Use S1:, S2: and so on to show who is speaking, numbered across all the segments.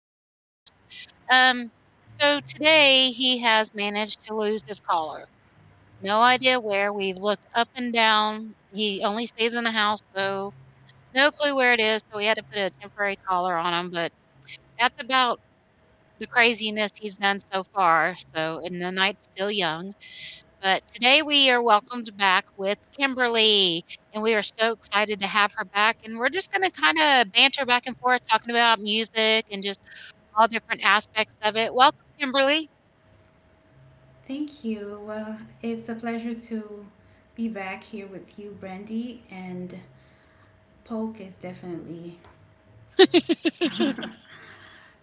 S1: Poke's house. Um, so today he has managed to lose his collar. No idea where. We've looked up and down. He only stays in the house, so no clue where it is. So we had to put a temporary collar on him, but that's about the craziness he's done so far. So, and the night's still young. But today we are welcomed back with Kimberly, and we are so excited to have her back. And we're just going to kind of banter back and forth, talking about music and just all different aspects of it. Welcome, Kimberly,
S2: Thank you. Well, it's a pleasure to be back here with you, Brandy. And Polk is definitely,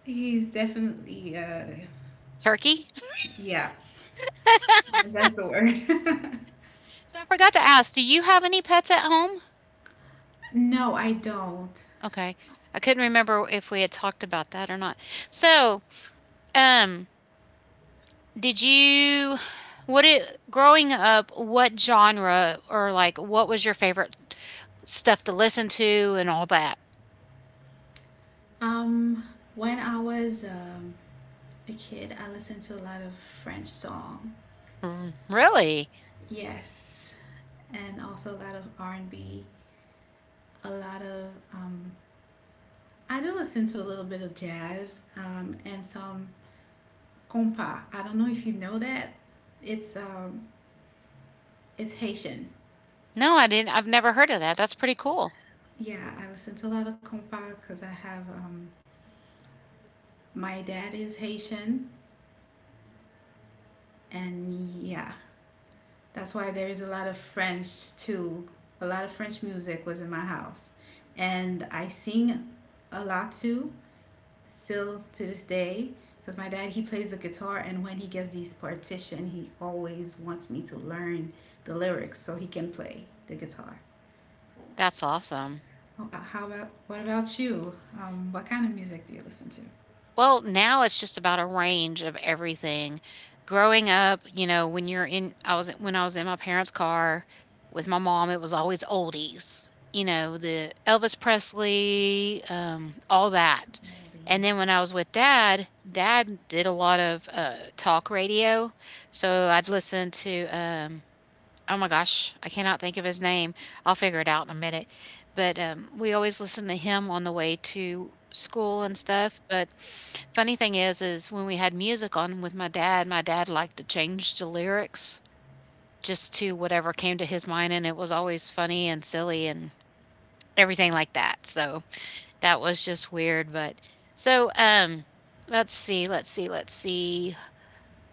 S2: he's definitely, uh,
S1: turkey.
S2: yeah, that's the word.
S1: So I forgot to ask, do you have any pets at home?
S2: No, I don't.
S1: Okay. I couldn't remember if we had talked about that or not. So, um, did you what it growing up, what genre or like what was your favorite stuff to listen to and all that?
S2: Um, when I was a kid, I listened to a lot of French song.
S1: Mm, really?
S2: Yes, and also a lot of R and B. A lot of I do listen to a little bit of jazz and some compa. I don't know if you know that. It's um, it's Haitian.
S1: No, I didn't. I've never heard of that. That's pretty cool.
S2: Yeah, I listen to a lot of compa because I have my dad is Haitian, and yeah, that's why there is a lot of French too. A lot of French music was in my house, and I sing a lot too, still to this day. Because my dad he plays the guitar, and when he gets these partition, he always wants me to learn the lyrics so he can play the guitar.
S1: That's awesome.
S2: How about what about you? What kind of music do you listen to?
S1: Well, now it's just about a range of everything. Growing up, when you're in I was when I was in my parents' car with my mom, it was always oldies. You know, the Elvis Presley, all that. And then when
S2: Oldies.
S1: I was with dad, dad did a lot of talk radio. So I'd listen to oh my gosh, I cannot think of his name. I'll figure it out in a minute. But we always listen to him on the way to school and stuff. But funny thing is when we had music on with my dad liked to change the lyrics just to whatever came to his mind, and it was always funny and silly and everything like that. So that was just weird. But so Let's see.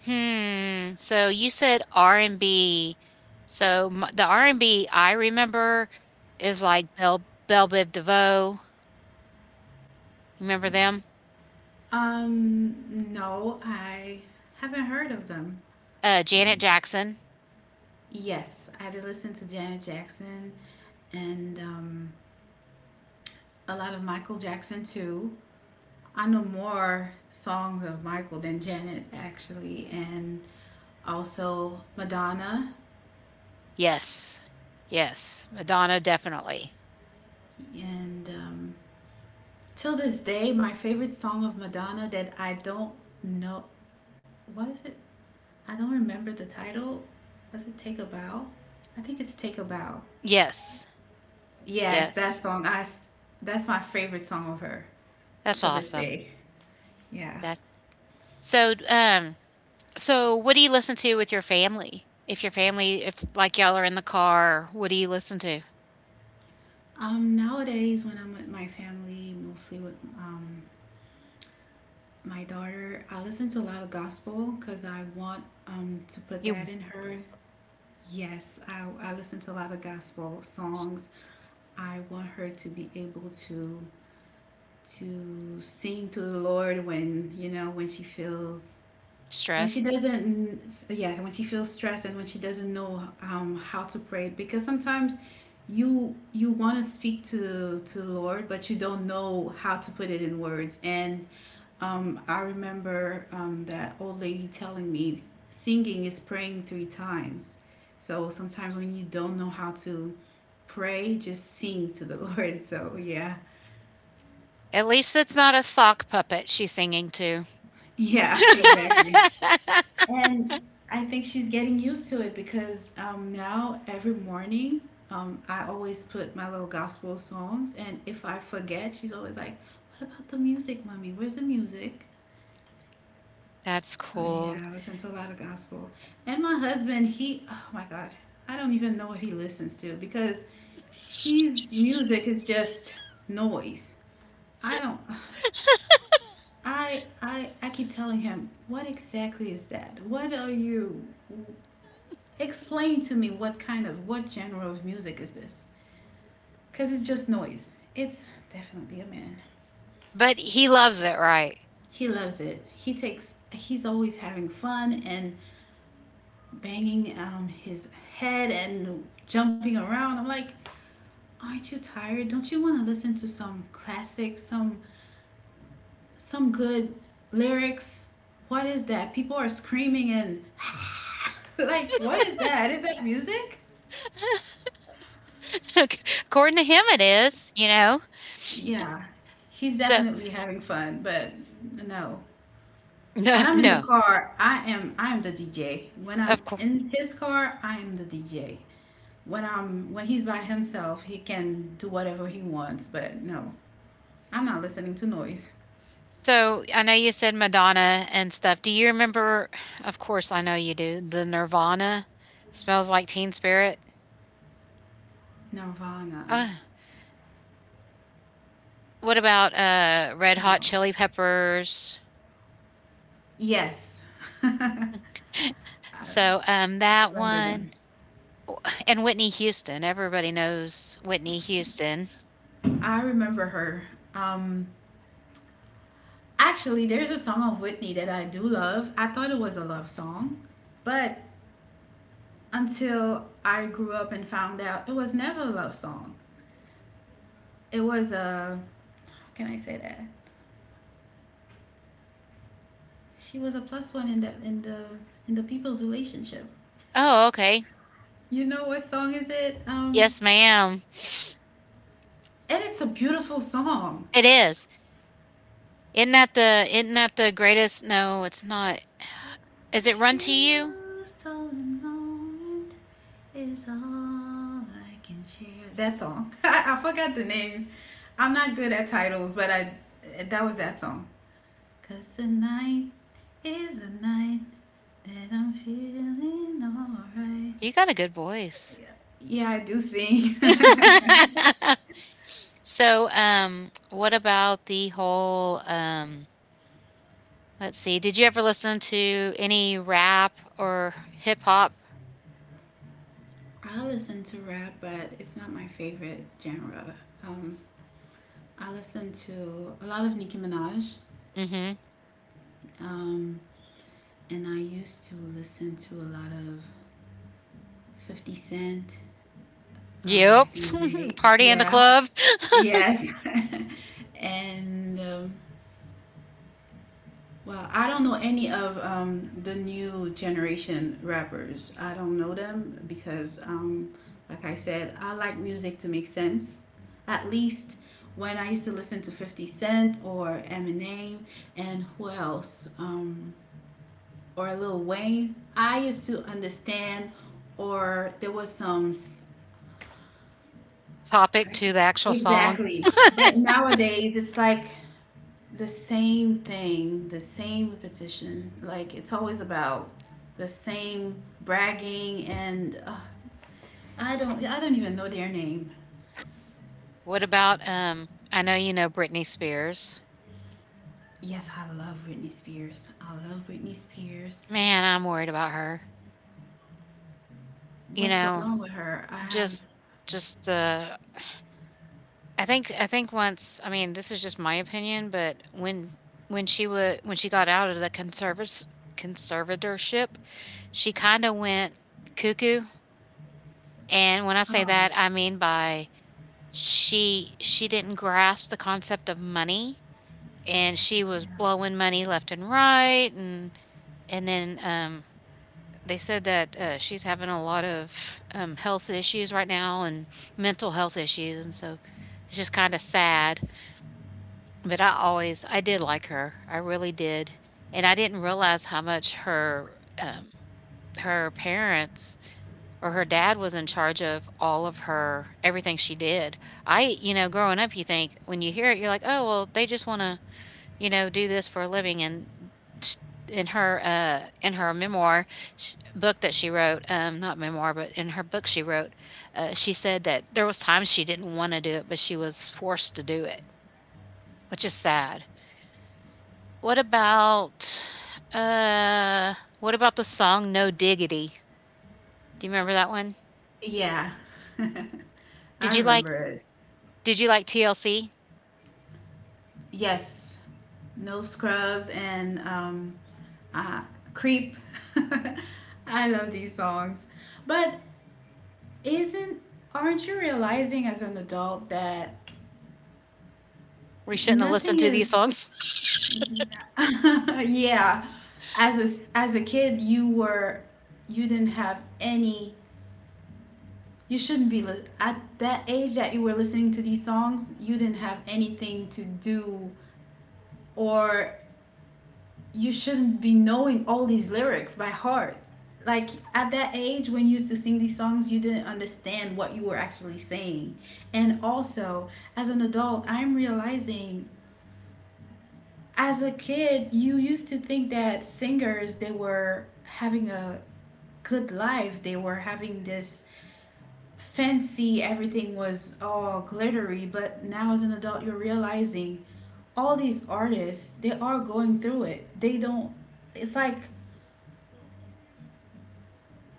S1: Hmm, so you said R&B. So m the R and B I remember is like Bell Biv DeVoe. Remember them?
S2: Um, no, I haven't heard of them.
S1: Janet Jackson.
S2: Yes, I did listen to Janet Jackson and a lot of Michael Jackson too. I know more songs of Michael than Janet actually, and also Madonna.
S1: Yes. Yes. Madonna, definitely.
S2: And till this day, my favorite song of Madonna that I don't know what is it? I don't remember the title. Was it Take a Bow? I think it's Take a Bow.
S1: Yes.
S2: Yes, that
S1: Yes.
S2: song. I. That's my favorite song of her
S1: That's
S2: till this
S1: awesome.
S2: day. Yeah.
S1: That so, um, so what do you listen to with your family? If like y'all are in the car, what do you listen to?
S2: Nowadays when I'm with my family, mostly with my daughter, I listen to a lot of gospel because I want to put
S1: You
S2: that in her. Yes, I listen to a lot of gospel
S1: s-
S2: songs. I want her to be able to sing to the Lord when you know when she feels when she
S1: stressed.
S2: doesn't yeah when she feels stressed and when she doesn't know how to pray, because sometimes you want to speak to the Lord but you don't know how to put it in words. And I remember that old lady telling me, singing is praying 3 times, so sometimes when you don't know how to pray, just sing to the Lord. So yeah.
S1: At least it's not a sock puppet she's singing to.
S2: Yeah, exactly. And I think she's getting used to it because now every morning I always put my little gospel songs. And if I forget, she's always like, what about the music, mommy? Where's the music?
S1: That's
S2: Oh
S1: cool.
S2: yeah, I listen to a lot of gospel. And my husband, he, oh my God, I don't even know what he listens to because his music is just noise. I don't, I keep telling him, what exactly is that? What are you? Explain to me what kind of what genre of music is this? Cause it's just noise. It's definitely a man.
S1: But he loves it, right?
S2: He loves it. He takes. He's always having fun and banging his head and jumping around. I'm like, aren't you tired? Don't you want to listen to some classic, some good lyrics? What is that? People are screaming and like, what is that? Is that music?
S1: According to him, it is, you know?
S2: Yeah, he's
S1: So,
S2: definitely having fun, but no,
S1: no,
S2: when I'm in the
S1: no,
S2: car, I am the DJ. When I'm
S1: of course.
S2: in his car, I am the DJ. When he's by himself, he can do whatever he wants, but no. I'm not listening to noise.
S1: So, I know you said Madonna and stuff. Do you remember, of course, I know you do, the Nirvana smells like Teen Spirit?
S2: Nirvana.
S1: Uh, what about Red Hot
S2: No.
S1: Chili Peppers?
S2: Yes. I, I
S1: So, that
S2: remember
S1: one
S2: them.
S1: and Whitney Houston. Everybody knows Whitney Houston.
S2: I remember her. Um actually there's a song of Whitney that I do love. I thought it was a love song, but until I grew up and found out it was never a love song. It was a. How can I say that? She was a plus one in the in the in the people's relationship.
S1: Oh, okay.
S2: You know what song is it?
S1: Yes, ma'am.
S2: And it's a beautiful song.
S1: It is. Isn't that the greatest no, it's not. Is it Run to You?
S2: Refuse to moment is all I can share. That song. I forgot the name. I'm not good at titles, but I that was that song. Cause tonight is a night that I'm feeling alright.
S1: You got a good voice.
S2: Yeah, yeah, I do sing.
S1: So, what about the whole, let's see, did you ever listen to any rap or hip hop?
S2: I listen to rap, but it's not my favorite genre. Um, I listen to a lot of Nicki Minaj,
S1: Mm, mhm.
S2: um, and I used to listen to a lot of 50 Cent
S1: Yep.
S2: back in the day.
S1: Party in the
S2: Yeah,
S1: club.
S2: yes. And well, I don't know any of the new generation rappers. I don't know them because, like I said, I like music to make sense. At least when I used to listen to 50 Cent or Eminem and who else? Or Lil Wayne, I used to understand, or there was some. S-
S1: Topic
S2: I can,
S1: to the actual song.
S2: exactly. But nowadays, it's like the same thing, the same repetition. Like it's always about the same bragging and I don't even know their name.
S1: What about, I know you know Britney Spears.
S2: Yes, I love Britney Spears. I love Britney Spears.
S1: Man, I'm worried about her. You
S2: What's going
S1: know,
S2: on with her? I have
S1: just just, I think once I mean, this is just my opinion, but when she got out of the conservas conservatorship, she kinda went cuckoo, and when I say
S2: oh
S1: that, I mean by she didn't grasp the concept of money, and
S2: okay
S1: she was blowing money left and right, and then, they said that, she's having a lot of, health issues right now and mental health issues, and so it's just kinda sad. But I did like her, I really did, and I didn't realize how much her parents or her dad was in charge of all of her everything she did. I you know, growing up, you think when you hear it, you're like, "Oh, well, they just wanna, you know, do this for a living," and sh in her memoir sh book that she wrote, not memoir, but in her book she wrote, she said that there was times she didn't wanna do it, but she was forced to do it, which is sad. What about uh what about the song No Diggity? Do you remember that one?
S2: yeah. Yeah.
S1: Did
S2: I
S1: you like
S2: remember it.
S1: did you like TLC?
S2: Yes, no scrubs and uh, creep. I love these songs, but isn't aren't you realizing as an adult that
S1: We shouldn't have listened
S2: nothing
S1: to these
S2: is
S1: songs.
S2: yeah as a s- as a kid you were you didn't have any you shouldn't be li- at that age that you were listening to these songs you didn't have anything to do or you shouldn't be knowing all these lyrics by heart. Like at that age when you used to sing these songs, you didn't understand what you were actually saying. And also, as an adult, I'm realizing as a kid, you used to think that singers they were having a good life. They were having this fancy, everything was all glittery, but now as an adult, you're realizing all these artists, they are going through it. They don't it's like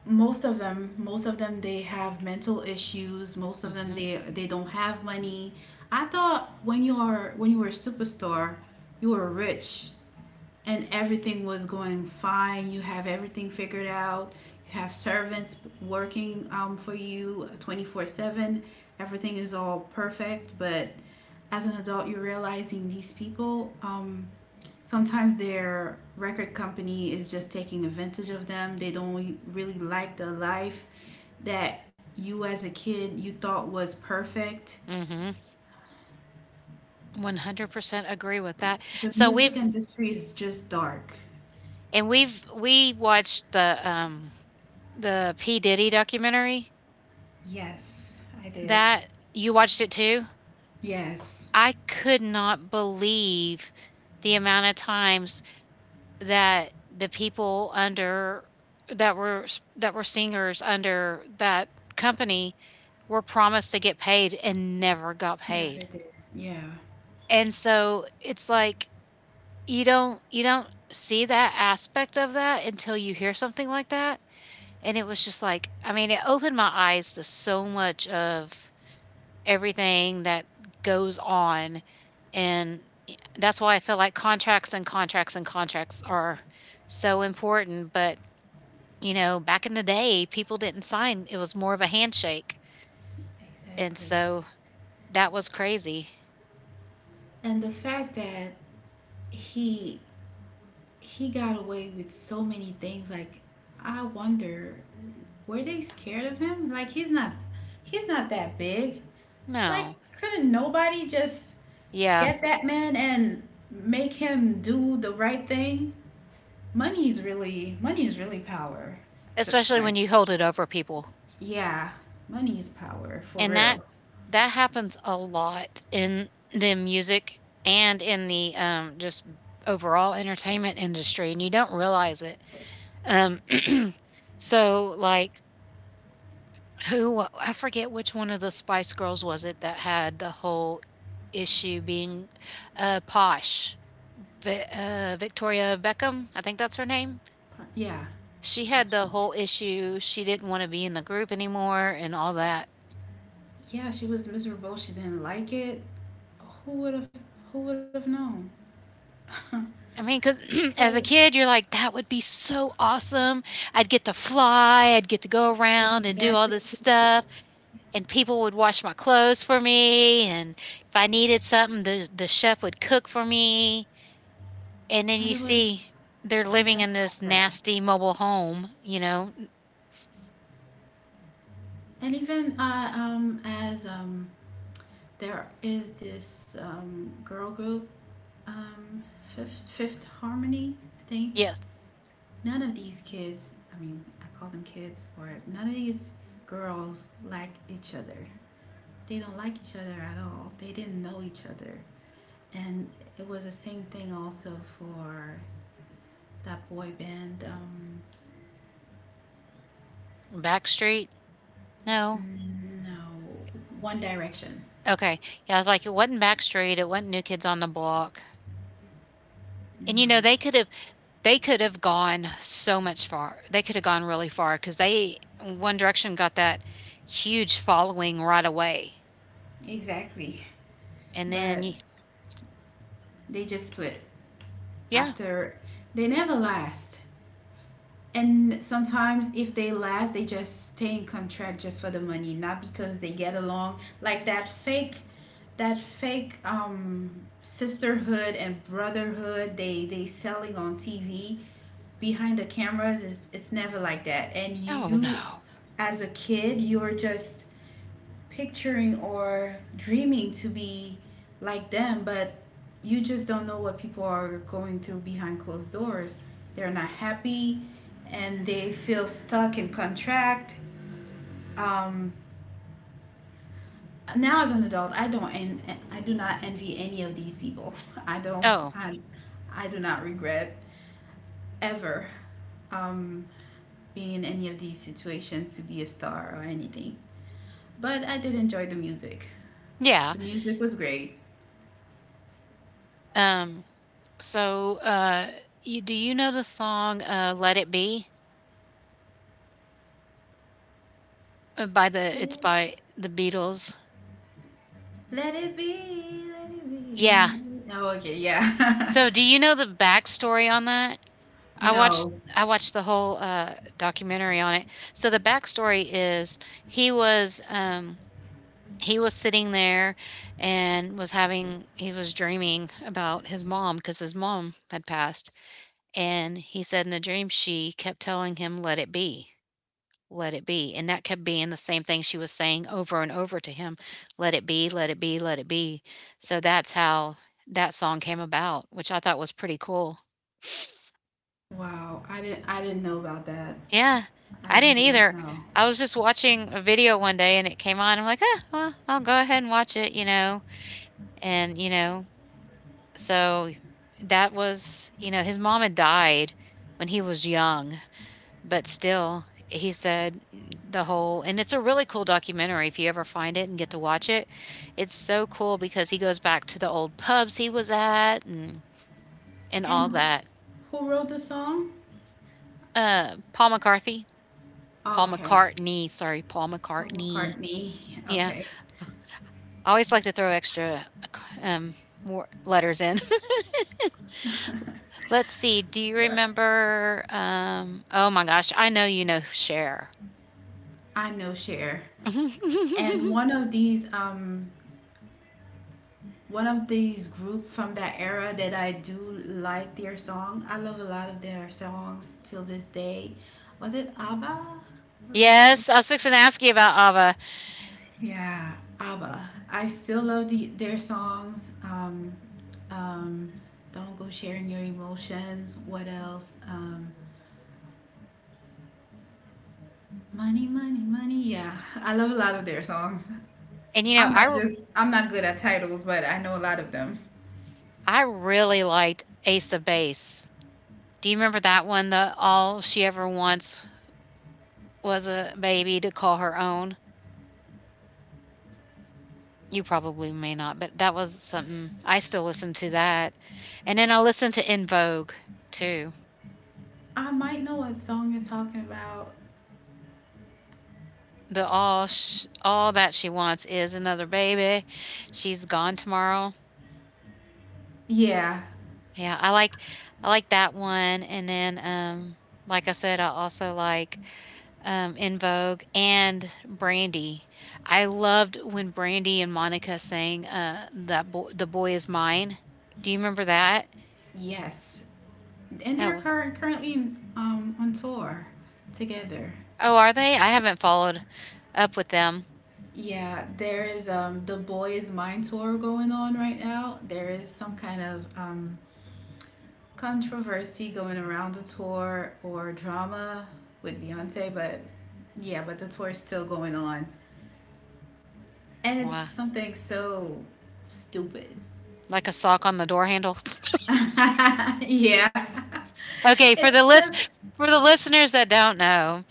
S2: most of them they have mental issues, most of them
S1: Mhm.
S2: they they don't have money. I thought when you were a superstar you were rich and everything was going fine, you have everything figured out, you have servants working for you 24-7, everything is all perfect. But as an adult you're realizing these people sometimes their record company is just taking advantage of them. They don't really like the life that you as a kid you thought was perfect.
S1: Mhm. 100% agree with that.
S2: The
S1: So we've
S2: music industry is just dark.
S1: and we've we watched the P Diddy documentary.
S2: Yes, I did.
S1: That you watched it too?
S2: Yes,
S1: I could not believe the amount of times that the people under that were that were singers under that company were promised to get paid and never got
S2: never
S1: paid.
S2: did. Yeah,
S1: And so it's like you don't see that aspect of that until you hear something like that. And it was just like I mean, it opened my eyes to so much of everything that goes on and that's why I feel like contracts are so important, but you know, back in the day, people didn't sign, it was more of a handshake, and
S2: exactly.
S1: so that was crazy.
S2: And the fact that he he got away with so many things like I wonder, were they scared of him? Like he's not that big. Like,
S1: No.
S2: couldn't nobody just
S1: Yeah,
S2: get that man and make him do the right thing? Money is really power at this
S1: especially when
S2: point.
S1: you hold it over people,
S2: Yeah, money is power for
S1: and
S2: real.
S1: that happens a lot in the music and in the, just overall entertainment industry, and you don't realize it. Um, so, like who I forget which one of the Spice Girls was it that had the whole issue being, posh. Vi Victoria Beckham, I think that's her name.
S2: Po- Yeah,
S1: She had
S2: Posh
S1: the whole
S2: Spice.
S1: issue, she didn't wanna be in the group anymore and all that.
S2: Yeah, she was miserable. She didn't like it. Who would have? Who would have known?
S1: I mean, because
S2: 'Cause-
S1: as a kid, you're like, "That would be so awesome. I'd get to fly, I'd get to go around and do
S2: exactly.
S1: all this
S2: Too.
S1: stuff, and people would wash my clothes for me, and if I needed something, the chef would cook for me." And then
S2: But
S1: you
S2: it was
S1: see they're living
S2: never
S1: in
S2: like
S1: this
S2: that.
S1: nasty mobile home, you know?
S2: And even as there is this girl group, um, Fifth Harmony, I think.
S1: Yes.
S2: None of these kids, I mean, I call them kids, or none of these girls like each other. They don't like each other at all. They didn't know each other. And it was the same thing also for that boy band.
S1: Backstreet? No?
S2: No, One Direction.
S1: Okay. Yeah, I was like, "It wasn't Backstreet, it wasn't New Kids on the Block." And, you know,
S2: No,
S1: they could have gone so much far. They could have gone really far because they One Direction got that huge following right away.
S2: exactly.
S1: And then
S2: But
S1: y
S2: they just split
S1: Yeah.
S2: after, they never last. And sometimes if they last they just stay in contract just for the money, not because they get along, like that fake that fake um sisterhood and brotherhood they selling on TV, behind the cameras is it's never like that. And
S1: Oh,
S2: you
S1: no.
S2: as a kid you're just picturing or dreaming to be like them, but you just don't know what people are going through behind closed doors. They're not happy and they feel stuck and contract. Um, now as an adult, I don't and I do not envy any of these people. I don't
S1: Oh,
S2: I do not regret ever um, being in any of these situations to be a star or anything. But I did enjoy the music.
S1: yeah.
S2: The music was great.
S1: Um, so, you know the song, Let It Be? By the it's by the Beatles.
S2: Let it be, let it
S1: Yeah.
S2: be. Let it- Oh, okay, yeah.
S1: So, do you know the backstory on that? I watched
S2: No.
S1: I watched the whole, documentary on it. So, the backstory is he was, um, he was sitting there and was having he was dreaming about his mom because his mom had passed, and he said in the dream she kept telling him, "Let it be." Let it be, and that kept being the same thing she was saying over and over to him, "Let it be, let it be, let it be." So that's how that song came about, which I thought was pretty cool.
S2: Wow, I didn't know about that.
S1: Yeah,
S2: I
S1: I didn't
S2: did not
S1: either.
S2: know.
S1: I was just watching a video one day and it came on. I'm like, "Ah, well, I'll go ahead and watch it," you know, and, you know, so that was his mom had died when he was young. But still, he said the whole and it's a really cool documentary if you ever find it and get to watch it. It's so cool because he goes back to the old pubs he was at and
S2: And
S1: all that.
S2: who wrote the song?
S1: Paul McCarthy, Paul
S2: Oh, okay.
S1: McCartney, sorry, Paul
S2: Paul
S1: McCartney.
S2: McCartney.
S1: Yeah,
S2: Okay.
S1: I always like to throw extra um more letters in. Let's see. Do you
S2: But
S1: remember oh my gosh, I know you know Cher.
S2: I know Cher. And one of these group from that era that I do like their song. I love a lot of their songs till this day. Was it ABBA?
S1: Yes, I was fixing to ask you about Ava.
S2: Yeah, ABBA. I still love the their songs. Um, Don't go sharing your emotions. What else? Money, money, money. Yeah, I love a lot of their songs.
S1: And you know,
S2: I'm not good at titles, but I know a lot of them.
S1: I really liked Ace of Base. Do you remember that one? The all she ever wants was a baby to call her own. You probably may not, but that was something I still listen to that. And then I listen to In Vogue too.
S2: I might know what song you're talking about.
S1: The all that she wants is another baby. She's gone tomorrow.
S2: Yeah.
S1: Yeah, I like that one. And then like I said, I also like In Vogue and Brandy. I loved when Brandy and Monica sang "The Boy Is Mine." Do you remember that?
S2: Yes. And
S1: That
S2: they're
S1: was,
S2: currently on tour together.
S1: oh, are they? I haven't followed up with them.
S2: Yeah, there is the boys mind tour going on right now. There is some kind of controversy going around the tour or drama with Beyonce, but yeah, but the tour is still going on. And it's
S1: Wow,
S2: something so stupid.
S1: like a sock on the door handle.
S2: Yeah.
S1: Okay,
S2: It's just
S1: for the listeners that don't know,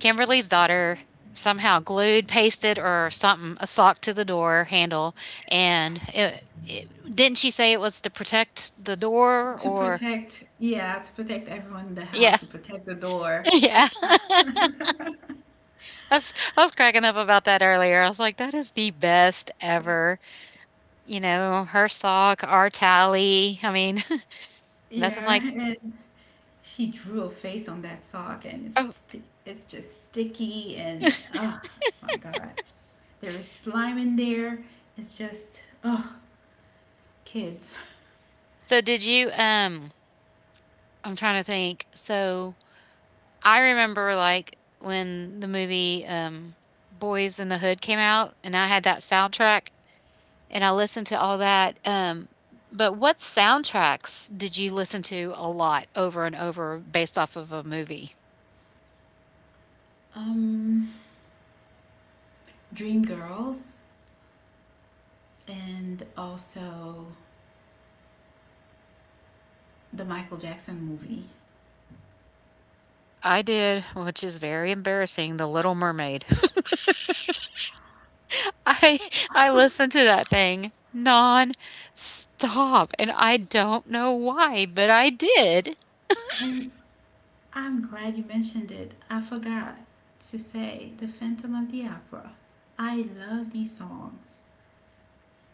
S1: Kimberly's daughter somehow glued, pasted, or something a sock to the door handle, and it, didn't she say it was to protect the door
S2: to
S1: or?
S2: protect, yeah, to protect everyone in the
S1: Yeah.
S2: house, to protect the door.
S1: Yeah. I was cracking up about that earlier. I was like, that is the best ever. You know, her sock, our tally. I mean, nothing like
S2: Yeah. She drew a face on that sock, and
S1: oh
S2: it's just sticky, and oh my gosh, there is slime in there. It's just oh kids.
S1: so did you I'm trying to think. So I remember when the movie Boys in the Hood came out and I had that soundtrack and I listened to all that. But what soundtracks did you listen to a lot over and over based off of a movie?
S2: um, Dream Girls, and also the Michael Jackson movie.
S1: I did, which is very embarrassing, The Little Mermaid. I I listened to that thing non-stop, and I don't know why, but I did.
S2: And I'm glad you mentioned it. I forgot to say the Phantom of the Opera. I love these songs.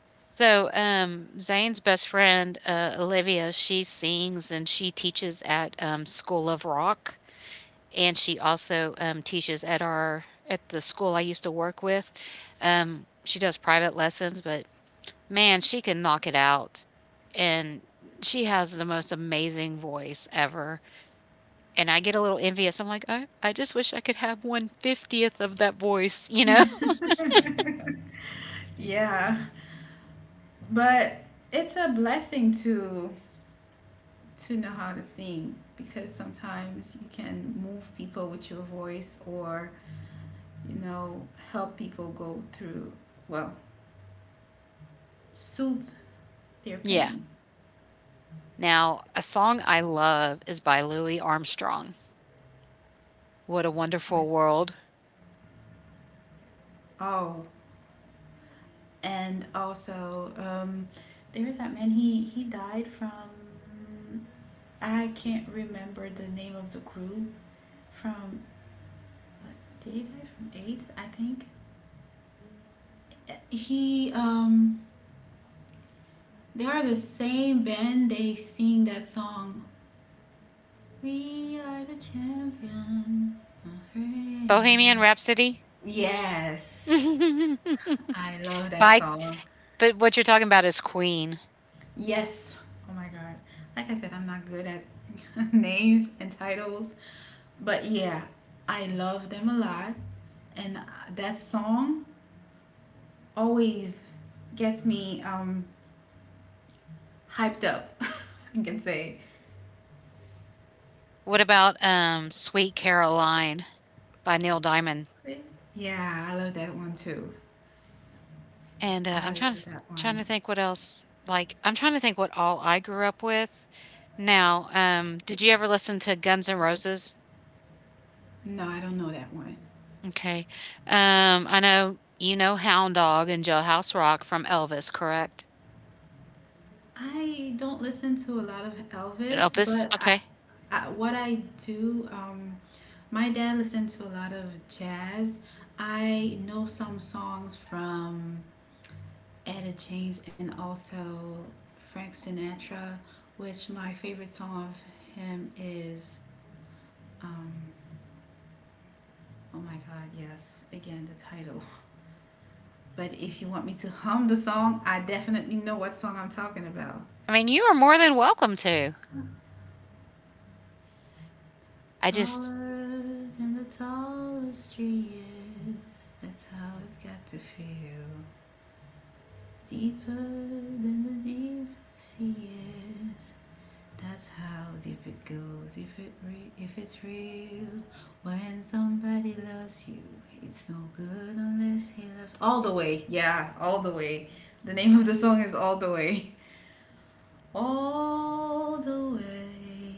S1: So, Zane's best friend, Olivia, she sings and she teaches at School of Rock, and she also teaches at our at the school I used to work with. She does private lessons, but man, she can knock it out, and she has the most amazing voice ever, and I get a little envious. I'm like, "I just wish I could have one fiftieth of that voice," you know?
S2: Yeah, but it's a blessing to know how to sing because sometimes you can move people with your voice or, you know, help people go through, well, soothe their
S1: Yeah.
S2: pain.
S1: Now, a song I love is by Louis Armstrong, "What a
S2: Right.
S1: Wonderful World."
S2: Oh, and also, there's that man, he died from, I can't remember the name of the group, from, did he die from AIDS, I think? He, um, they are the same band, they sing that song, "We are the champion, my
S1: Bohemian
S2: friend."
S1: Rhapsody?
S2: Yes,
S1: By
S2: I love that song.
S1: but what you're talking about is Queen.
S2: Yes. Oh my god. Like I said, I'm not good at names and titles, but yeah, I love them a lot. And that song always gets me hyped up. I can say.
S1: What about, Sweet Caroline by Neil Diamond?
S2: Yeah, I love that one too.
S1: And, I'm
S2: I
S1: trying to
S2: love that
S1: trying to
S2: one.
S1: think what else I'm trying to think what all I grew up with. Now, did you ever listen to Guns N' Roses?
S2: No, I don't know that one.
S1: Okay. I know you know Hound Dog and Jailhouse Rock from Elvis, correct?
S2: I don't listen to a lot of Elvis,
S1: Elvis?
S2: but
S1: Okay.
S2: what I do, my dad listened to a lot of jazz. I know some songs from Etta James and also Frank Sinatra, which my favorite song of him is, um, oh my God, yes, again, the title. But if you want me to hum the song, I definitely know what song I'm talking about.
S1: I mean, you are more than welcome to. I just
S2: Taller than the tallest tree is. That's how it's got to feel. Deeper than the deep sea is. That's how deep it goes. If it re- If it's real, when somebody loves you, it's no good unless he loves. All the way, yeah, all the way. The name of the song is All the Way. All the way.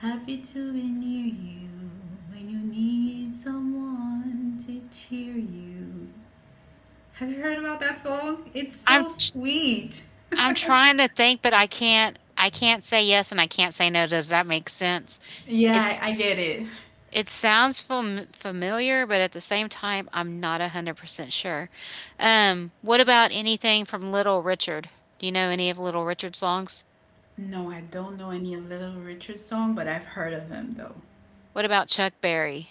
S2: Happy to be near you when you need someone to cheer you. Have you heard about that song? It's
S1: I'm
S2: so
S1: tr
S2: sweet.
S1: I'm trying to think, but I can't say yes and I can't say no. Does that make sense?
S2: Yeah, I get
S1: It's
S2: it.
S1: It sounds familiar, but at the same time, I'm not 100% sure. What about anything from Little Richard? Do you know any of Little Richard's songs?
S2: No, I don't know any of Little Richard's song, but I've heard of him though.
S1: What about Chuck Berry?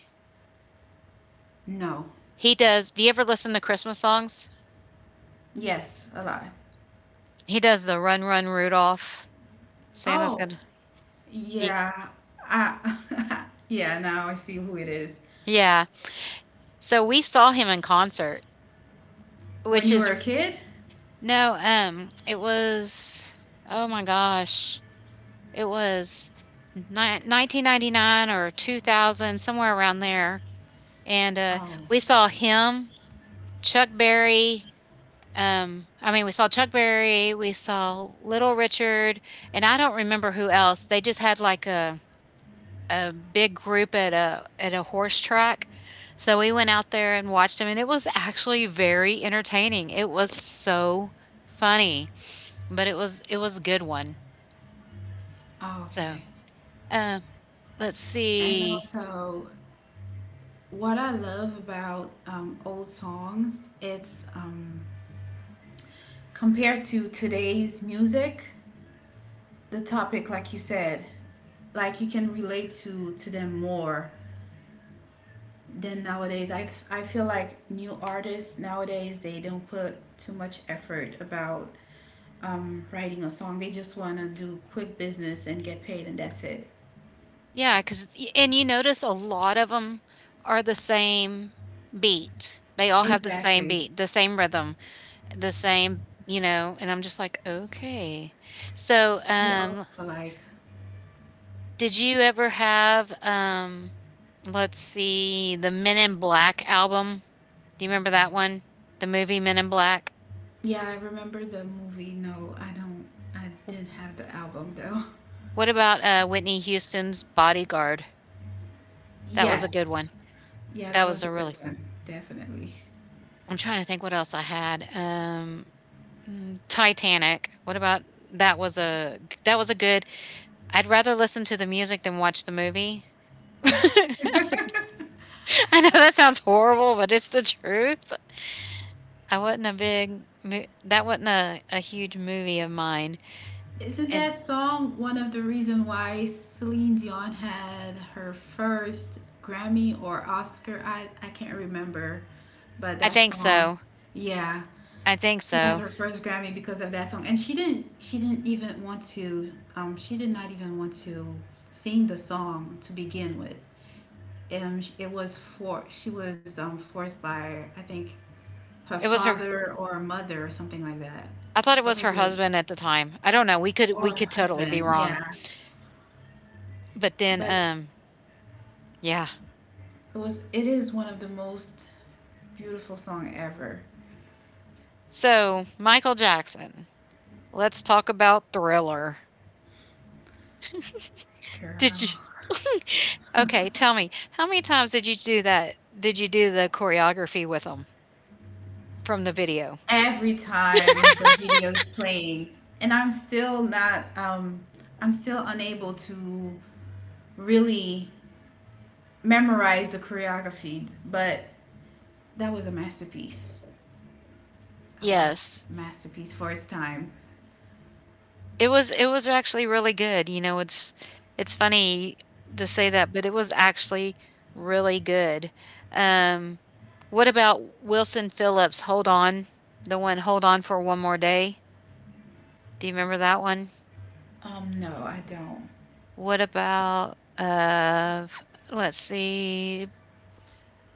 S2: No.
S1: He does. Do you ever listen to Christmas songs?
S2: Yes, a lot.
S1: He does the Run Run Rudolph. Santa's
S2: Oh,
S1: gonna. He,
S2: yeah. I, yeah, now I see who it is.
S1: yeah. So we saw him in concert,
S2: When
S1: which
S2: you were a kid?
S1: no. It was. Oh my gosh, it was. 1999 or 2000 somewhere around there and
S2: Oh,
S1: we saw him, Chuck Berry. I mean, we saw Chuck Berry, we saw Little Richard, and I don't remember who else. They just had like a big group at a horse track, so we went out there and watched them, and it was actually very entertaining. It was so funny, but it was a good one.
S2: oh
S1: So,
S2: okay.
S1: uh, let's
S2: And
S1: see.
S2: also, what I love about old songs, it's compared to today's music, the topic, like you said, like you can relate to them more than nowadays. I feel like new artists nowadays they don't put too much effort about writing a song. They just want to do quick business and get paid, and that's it.
S1: Yeah, cause and you notice a lot of them are the same beat. They all have the same
S2: Exactly.
S1: beat, the same rhythm, the same you know, and I'm just like, "Okay." So,
S2: They all look alike.
S1: did you ever have, let's see, the Men in Black album? Do you remember that one? The movie Men in Black?
S2: Yeah, I remember the movie. No, I don't. I didn't have the album though.
S1: What about, Whitney Houston's Bodyguard? That was a good
S2: Yes.
S1: one.
S2: Yeah,
S1: That
S2: that
S1: was
S2: was a
S1: a
S2: good
S1: really
S2: one. Definitely.
S1: I'm trying to think what else I had. Um Mm, Titanic. What about that was a good I'd rather listen to the music than watch the movie. I know that sounds horrible, but it's the truth. I wasn't a big mo that wasn't a huge movie of mine,
S2: Isn't
S1: and
S2: that song one of the reason why Celine Dion had her first Grammy or Oscar? I can't remember, but
S1: I
S2: that
S1: think
S2: song,
S1: so.
S2: yeah,
S1: I think
S2: she had
S1: so.
S2: her first Grammy because of that song, and she didn't even want to she did not even want to sing the song to begin with. It was for she was forced by I think her
S1: It was her
S2: father or mother or something like that.
S1: I thought it
S2: Or
S1: was her
S2: maybe her
S1: husband at the time. I don't know, we
S2: or
S1: could totally be
S2: husband,
S1: wrong,
S2: yeah.
S1: but then,
S2: But
S1: yeah.
S2: it is one of the most beautiful song ever.
S1: So, Michael Jackson. Let's talk about Thriller. Did you
S2: Girl.
S1: okay, tell me, how many times did you do that? Did you do the choreography with them from the video?
S2: Every time the video is playing and I'm still not I'm still unable to really memorize the choreography, but that was a masterpiece. That was
S1: Yes.
S2: a masterpiece for its time.
S1: It was actually really good, you know, it's funny to say that, but it was actually really good. Um, what about Wilson Phillips' "Hold On"? The one, "Hold On for One More Day"? Do you remember that one?
S2: No, I don't.
S1: What about, let's see,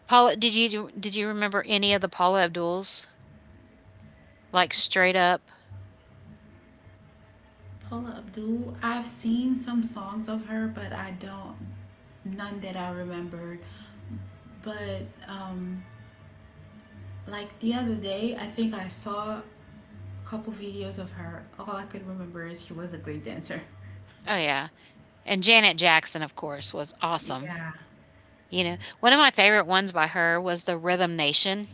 S1: Paula did you remember any of the Paula Abduls? Like straight up.
S2: Paula Abdul. I've seen some songs of her, but I don't none that I remember. But um, like the other day, I think I saw a couple videos of her. All I could remember is she was a great dancer.
S1: Oh yeah. And Janet Jackson, of course, was awesome.
S2: Yeah.
S1: You know, one of my favorite ones by her was the Rhythm Nation.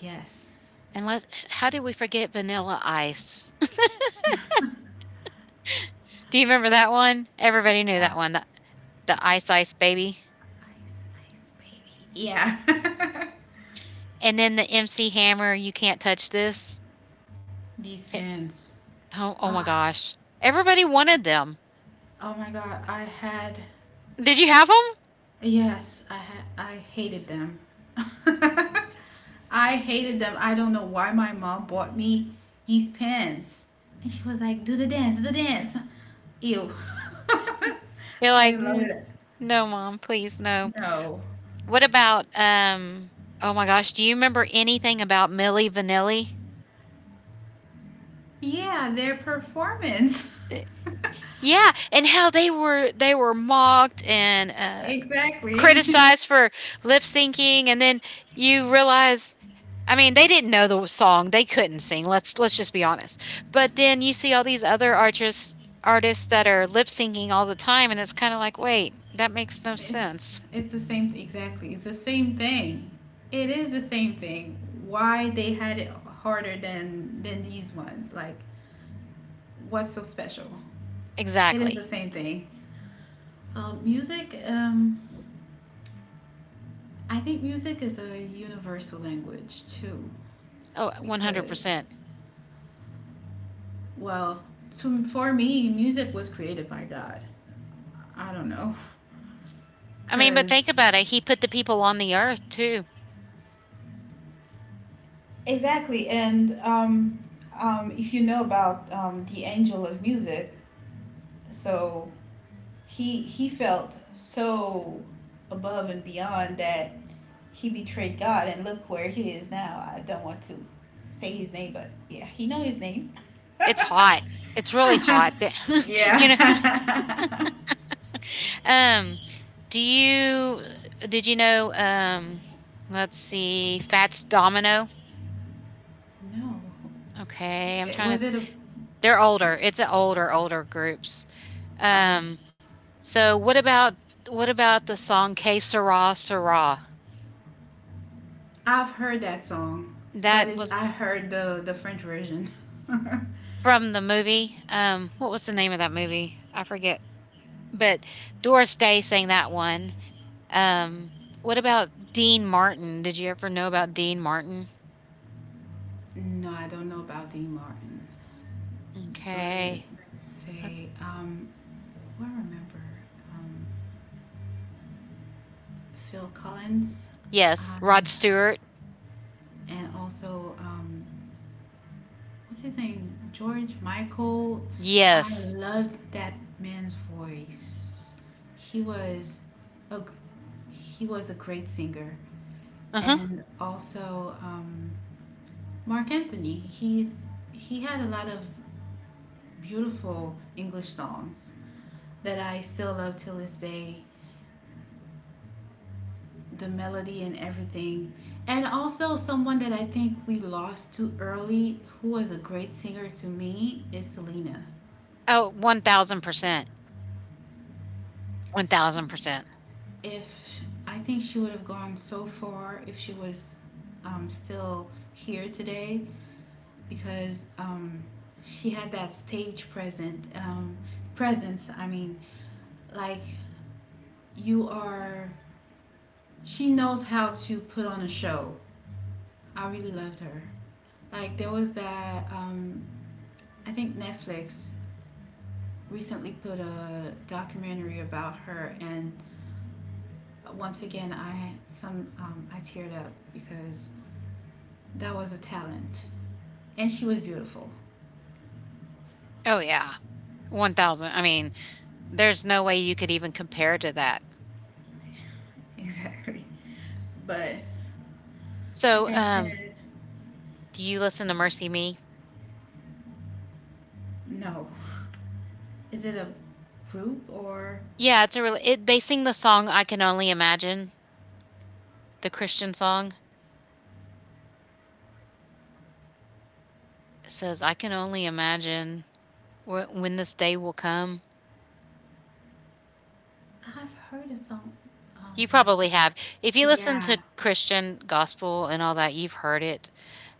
S2: Yes.
S1: And let how did we forget Vanilla Ice? Do you remember that one? Everybody knew that one. The Ice Ice Baby.
S2: Ice, ice, baby. Yeah.
S1: And then the MC Hammer, You Can't Touch This.
S2: These
S1: Can't,
S2: pants.
S1: oh, oh my
S2: Oh,
S1: gosh. Everybody wanted them.
S2: oh my god, I had
S1: Did you have them?
S2: yes, I hated them. I hated them. I don't know why my mom bought me these pants. And she was like, "Do the dance, do the dance." Ew.
S1: You're
S2: I
S1: like,
S2: didn't love it.
S1: No, mom, please, no.
S2: No.
S1: What about, oh my gosh, do you remember anything about Millie Vanilli?
S2: Yeah, their performance.
S1: Yeah, and how they were mocked and
S2: Exactly.
S1: criticized for lip syncing, and then you realize, I mean, they didn't know the song, they couldn't sing. Let's just be honest. But then you see all these other artists that are lip syncing all the time, and it's kind of like, wait, that makes no
S2: It's
S1: sense.
S2: it's the same exactly. It's the same thing. It is the same thing. Why they had it harder than these ones? Like, what's so special? It is
S1: Exactly.
S2: the same thing. Music, I think music is a universal language too,
S1: Oh,
S2: because,
S1: 100%.
S2: well, for me, music was created by God. I don't know,
S1: I mean, but
S2: because
S1: think about it. He put the people on the earth too.
S2: exactly. And if you know about the angel of music, so he felt so above and beyond that he betrayed God, and look where he is now. I don't want to say his name, but yeah, he know his name.
S1: It's hot. It's really hot. you know.
S2: Yeah.
S1: Um, do you did you know let's see, Fats Domino?
S2: No.
S1: Okay, I'm
S2: It,
S1: trying
S2: was
S1: to
S2: it a.
S1: they're older. It's an older, older groups.
S2: Um,
S1: Um, so what about the song K Sarah Sarah?
S2: I've heard that song, but
S1: That
S2: it,
S1: was
S2: I heard the French version.
S1: from the movie. What was the name of that movie? I forget. But Doris Day sang that one. Um, what about Dean Martin? Did you ever know about Dean Martin?
S2: No, I don't know about Dean Martin. But
S1: Okay.
S2: let's
S1: Let's-
S2: say, well, I remember um, Phil Collins
S1: Yes,
S2: I,
S1: Rod Stewart.
S2: and also what's his name? George Michael. I
S1: Yes.
S2: loved that man's voice. He was a he was a great singer,
S1: Uh-huh.
S2: and also Mark Anthony. He had a lot of beautiful English songs that I still love till this day. The melody and everything, and also someone that I think we lost too early, who was a great singer to me, is Selena.
S1: Oh, 1,000%. 1,000%.
S2: If I think she would have gone so far if she was still here today because she had that stage present presence. I mean, like you are. She knows how to put on a show. I really loved her. Like there was that. I think Netflix recently put a documentary about her, and once again, I some I teared up because that was a talent. And she was beautiful.
S1: Oh, yeah. 1,000. I mean, there's no way you could even compare to that.
S2: Exactly. But
S1: So,
S2: like I said,
S1: do you listen to Mercy Me?
S2: no. Is it a group or
S1: Yeah, it's a really they sing the song I Can Only Imagine, the Christian song. It says, I can only imagine when this day will come.
S2: I've heard of some
S1: You probably
S2: like that.
S1: have. If you listen
S2: Yeah.
S1: to Christian gospel and all that, you've heard it.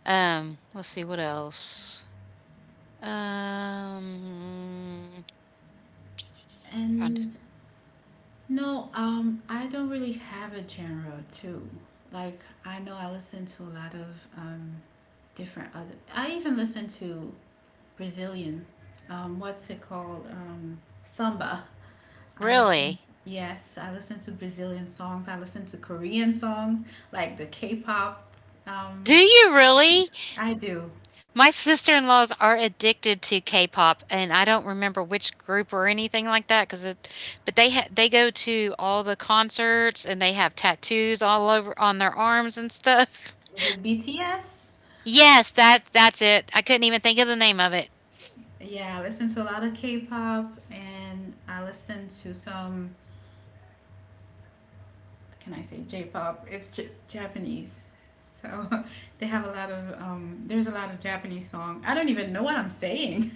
S1: Let's see what else. Um, Found
S2: And no, I don't really have a genre too. Like I know I listen to a lot of um different other I even listen to Brazilian what's it called? Samba. I listen,
S1: really?
S2: yes, I listen to Brazilian songs. I listen to Korean songs, like the K-pop.
S1: Do
S2: Um,
S1: you really?
S2: I do.
S1: My sister-in-laws are addicted to K-pop, and I don't remember which group or anything like that. Because it but they go to all the concerts, and they have tattoos all over on their arms and stuff.
S2: Is it BTS?
S1: Yes, that's it. I couldn't even think of the name of it.
S2: Yeah, I listen to a lot of K-pop and I listen to some, can I say J-pop? Japanese. So they have a lot of, there's a lot of Japanese song. I don't even know what I'm saying.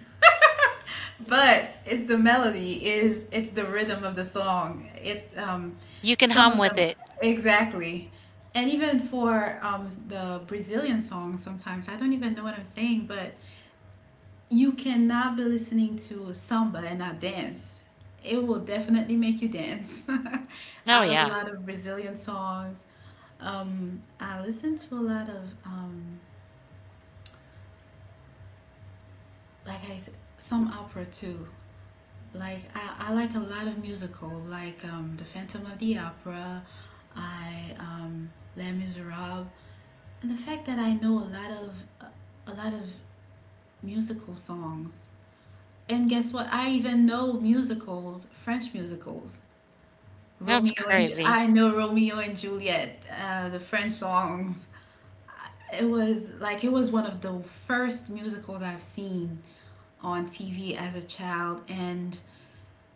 S2: But it's the melody is it's the rhythm of the song it's
S1: You Can
S2: some
S1: Hum
S2: of
S1: With
S2: them
S1: It.
S2: exactly. And even for the Brazilian songs sometimes I don't even know what I'm saying, but you cannot be listening to samba and not dance. It will definitely make you dance.
S1: Oh,
S2: I love a
S1: yeah.
S2: lot of Brazilian songs. I listen to a lot of like i s- some opera too. I like a lot of musicals, like The Phantom of the Opera, I Les Miserables, and the fact that I know uh, a lot of musical songs. And guess what? I even know musicals, French musicals.
S1: That's crazy.
S2: I know Romeo and Juliet, the French songs. It was one of the first musicals I've seen on TV as a child, and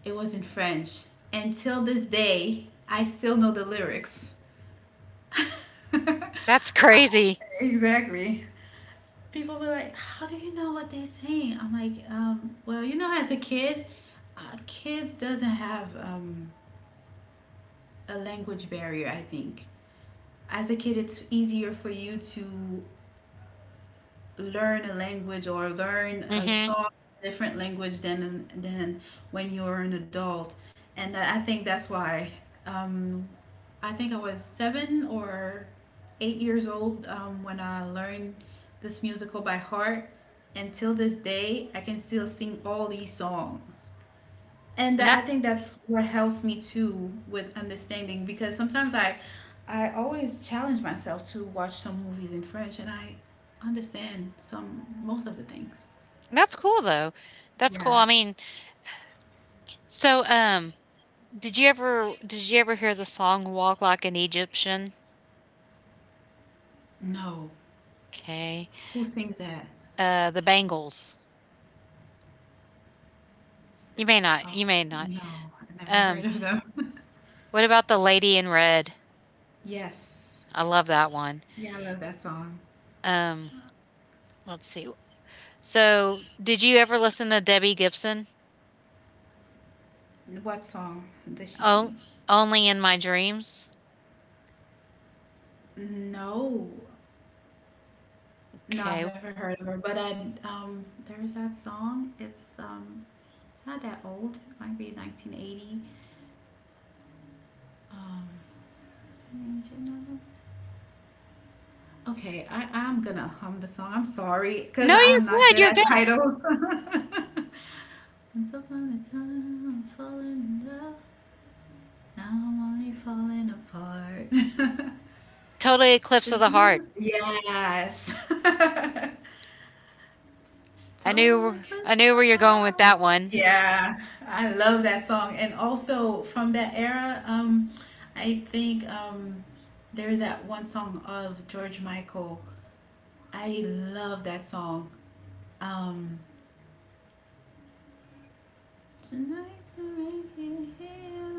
S2: it was in French. And till this day, I still know the lyrics. Uh,
S1: That's crazy.
S2: exactly. People were like, "How do you know what they're saying?" I'm like, "Well, you know, as a kid, kids doesn't have a language barrier. I think as a kid, it's easier for you to learn a language or learn a
S1: Mhm.
S2: song different language than when you're an adult, and I think that's why um, I think I was 7 or 8 years old when I learned this musical by heart, and till this day I can still sing all these songs. And
S1: And
S2: that
S1: that
S2: I think that's what helps me too with understanding because sometimes I always challenge myself to watch some movies in French and I understand some most of the things.
S1: that's cool, though. That's cool.
S2: Yeah.
S1: I mean, so, did you ever hear the song Walk Like an Egyptian?
S2: No.
S1: Okay.
S2: Who sings that?
S1: The Bangles.
S2: Oh,
S1: You may not.
S2: no. I never
S1: Um
S2: heard of them.
S1: what about the Lady in Red?
S2: Yes.
S1: I love that one.
S2: Yeah, I love that song.
S1: Um let's see. So, did you ever listen to Debbie Gibson?
S2: What song does she
S1: Oh,
S2: sing?
S1: only in my dreams?
S2: No. No,
S1: Okay.
S2: I've never heard of her, but I there's that song. It's not that old. It might be 1980. Um, okay, I'm gonna hum the song. I'm sorry, because
S1: No, you're
S2: I'm not
S1: good.
S2: good
S1: You're
S2: at
S1: good.
S2: titles. Once upon a time, I was falling in love. Now I'm only falling apart.
S1: Totally Eclipse of the Heart.
S2: Yes.
S1: I
S2: Total
S1: knew I
S2: eclipse
S1: knew where
S2: of
S1: you're going with that
S2: heart.
S1: one.
S2: Yeah, I love that song. And also from that era, I think there's that one song of George Michael. I love that song. Um, tonight the rain can heal.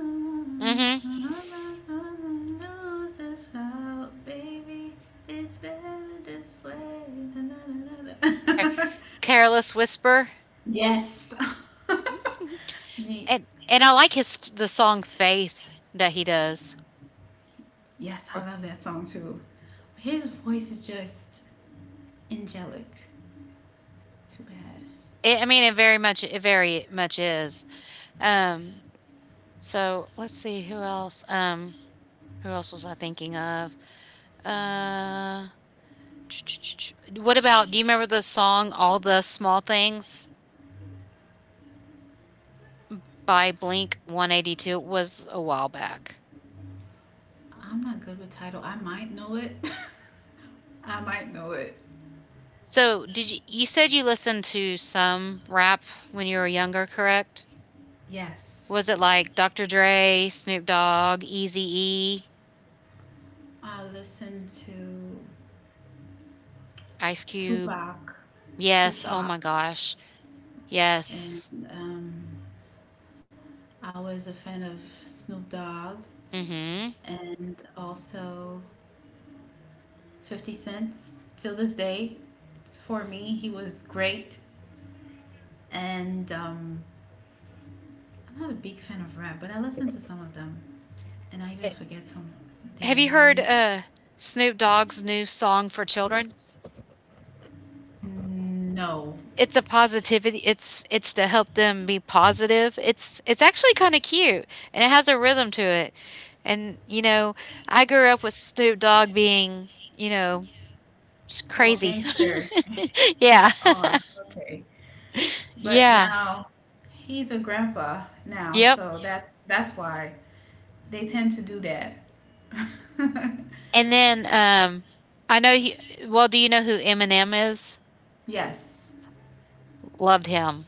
S1: Mhm.
S2: All I wanna know this out, baby. It's better this way. Na, na, na, na,
S1: Careless Whisper.
S2: yes. Me.
S1: And I like his the song "Faith" that he does.
S2: Yes, I
S1: Or
S2: love that song too. His voice is just angelic. Too bad.
S1: I it very much is. Um, so let's see who else. Who else was I thinking of? Uh, what about? Do you remember the song "All the Small Things" by Blink 182? It was a while back.
S2: I'm not good with title. I might know it. I might know it.
S1: So did you you said you listened to some rap when you were younger, correct?
S2: Yes.
S1: Was it like Dr. Dre, Snoop Dogg, Eazy-E?
S2: I listen to
S1: Ice Cube.
S2: Tupac,
S1: Yes, oh
S2: Tupac,
S1: my gosh.
S2: and
S1: Yes.
S2: um, I was a fan of Snoop Dogg
S1: Mhm.
S2: and also 50 Cent. Till this day, for me, he was great. And I'm not a big fan of rap, but I listen to some of them, and I even
S1: It
S2: forget some their
S1: have you
S2: name.
S1: heard, Snoop Dogg's new song for children?
S2: No,
S1: It's a positivity it's to help them be positive. It's actually kinda cute, and it has a rhythm to it, and, you know, I grew up with Snoop Dogg being, you know, s
S2: oh
S1: crazy.
S2: gangster.
S1: Yeah.
S2: Oh, okay. But
S1: Yeah.
S2: now he's a grandpa now,
S1: Yep,
S2: so that's why. They tend to do that.
S1: and then, I know he well, do you know who Eminem is?
S2: Yes.
S1: Loved him.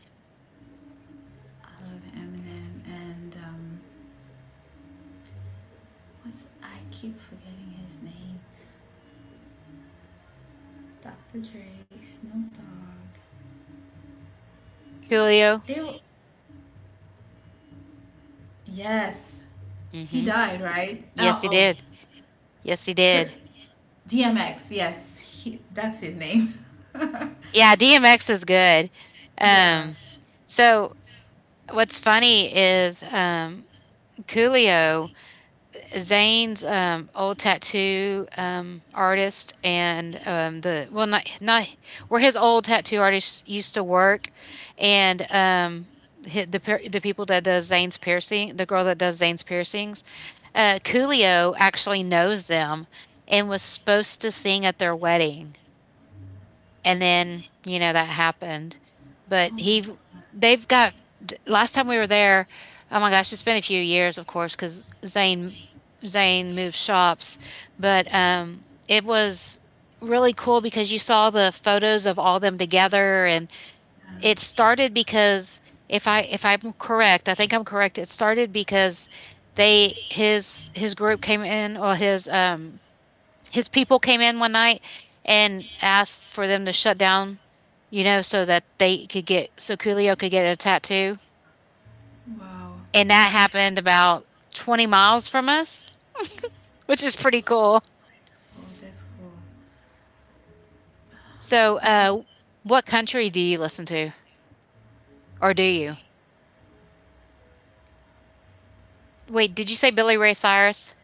S2: I love Eminem and what's I keep forgetting his name. Dr. Dre, Snoop Dogg.
S1: Coolio.
S2: They were, yes. He
S1: Mhm.
S2: died, right?
S1: Yes,
S2: Oh,
S1: he
S2: oh
S1: did. Yes, he did.
S2: Tri- DMX. Yes, he, that's his name.
S1: Yeah, DMX is good.
S2: Yeah.
S1: Um, so what's funny is Coolio Zane's old tattoo artist and the not not where his old tattoo artist used to work and the people that does Zane's piercing the girl that does Zane's piercings Coolio actually knows them and was supposed to sing at their wedding and then you know that happened but
S2: Oh my
S1: he
S2: god.
S1: they've got last time we were there oh my gosh it's been a few years of course because Zane moved shops but it was really cool because you saw the photos of all them together and it
S2: Yeah.
S1: started because if I'm correct I think I'm correct it started because they his group came in or his people came in one night and asked for them to shut down, you know, so that they could get so Coolio could get a tattoo.
S2: Wow.
S1: And that happened about 20 miles from us, which is pretty cool.
S2: Oh, that's cool.
S1: So,
S2: But
S1: what country do you listen to, or do you? Wait, did you say Billy Ray Cyrus?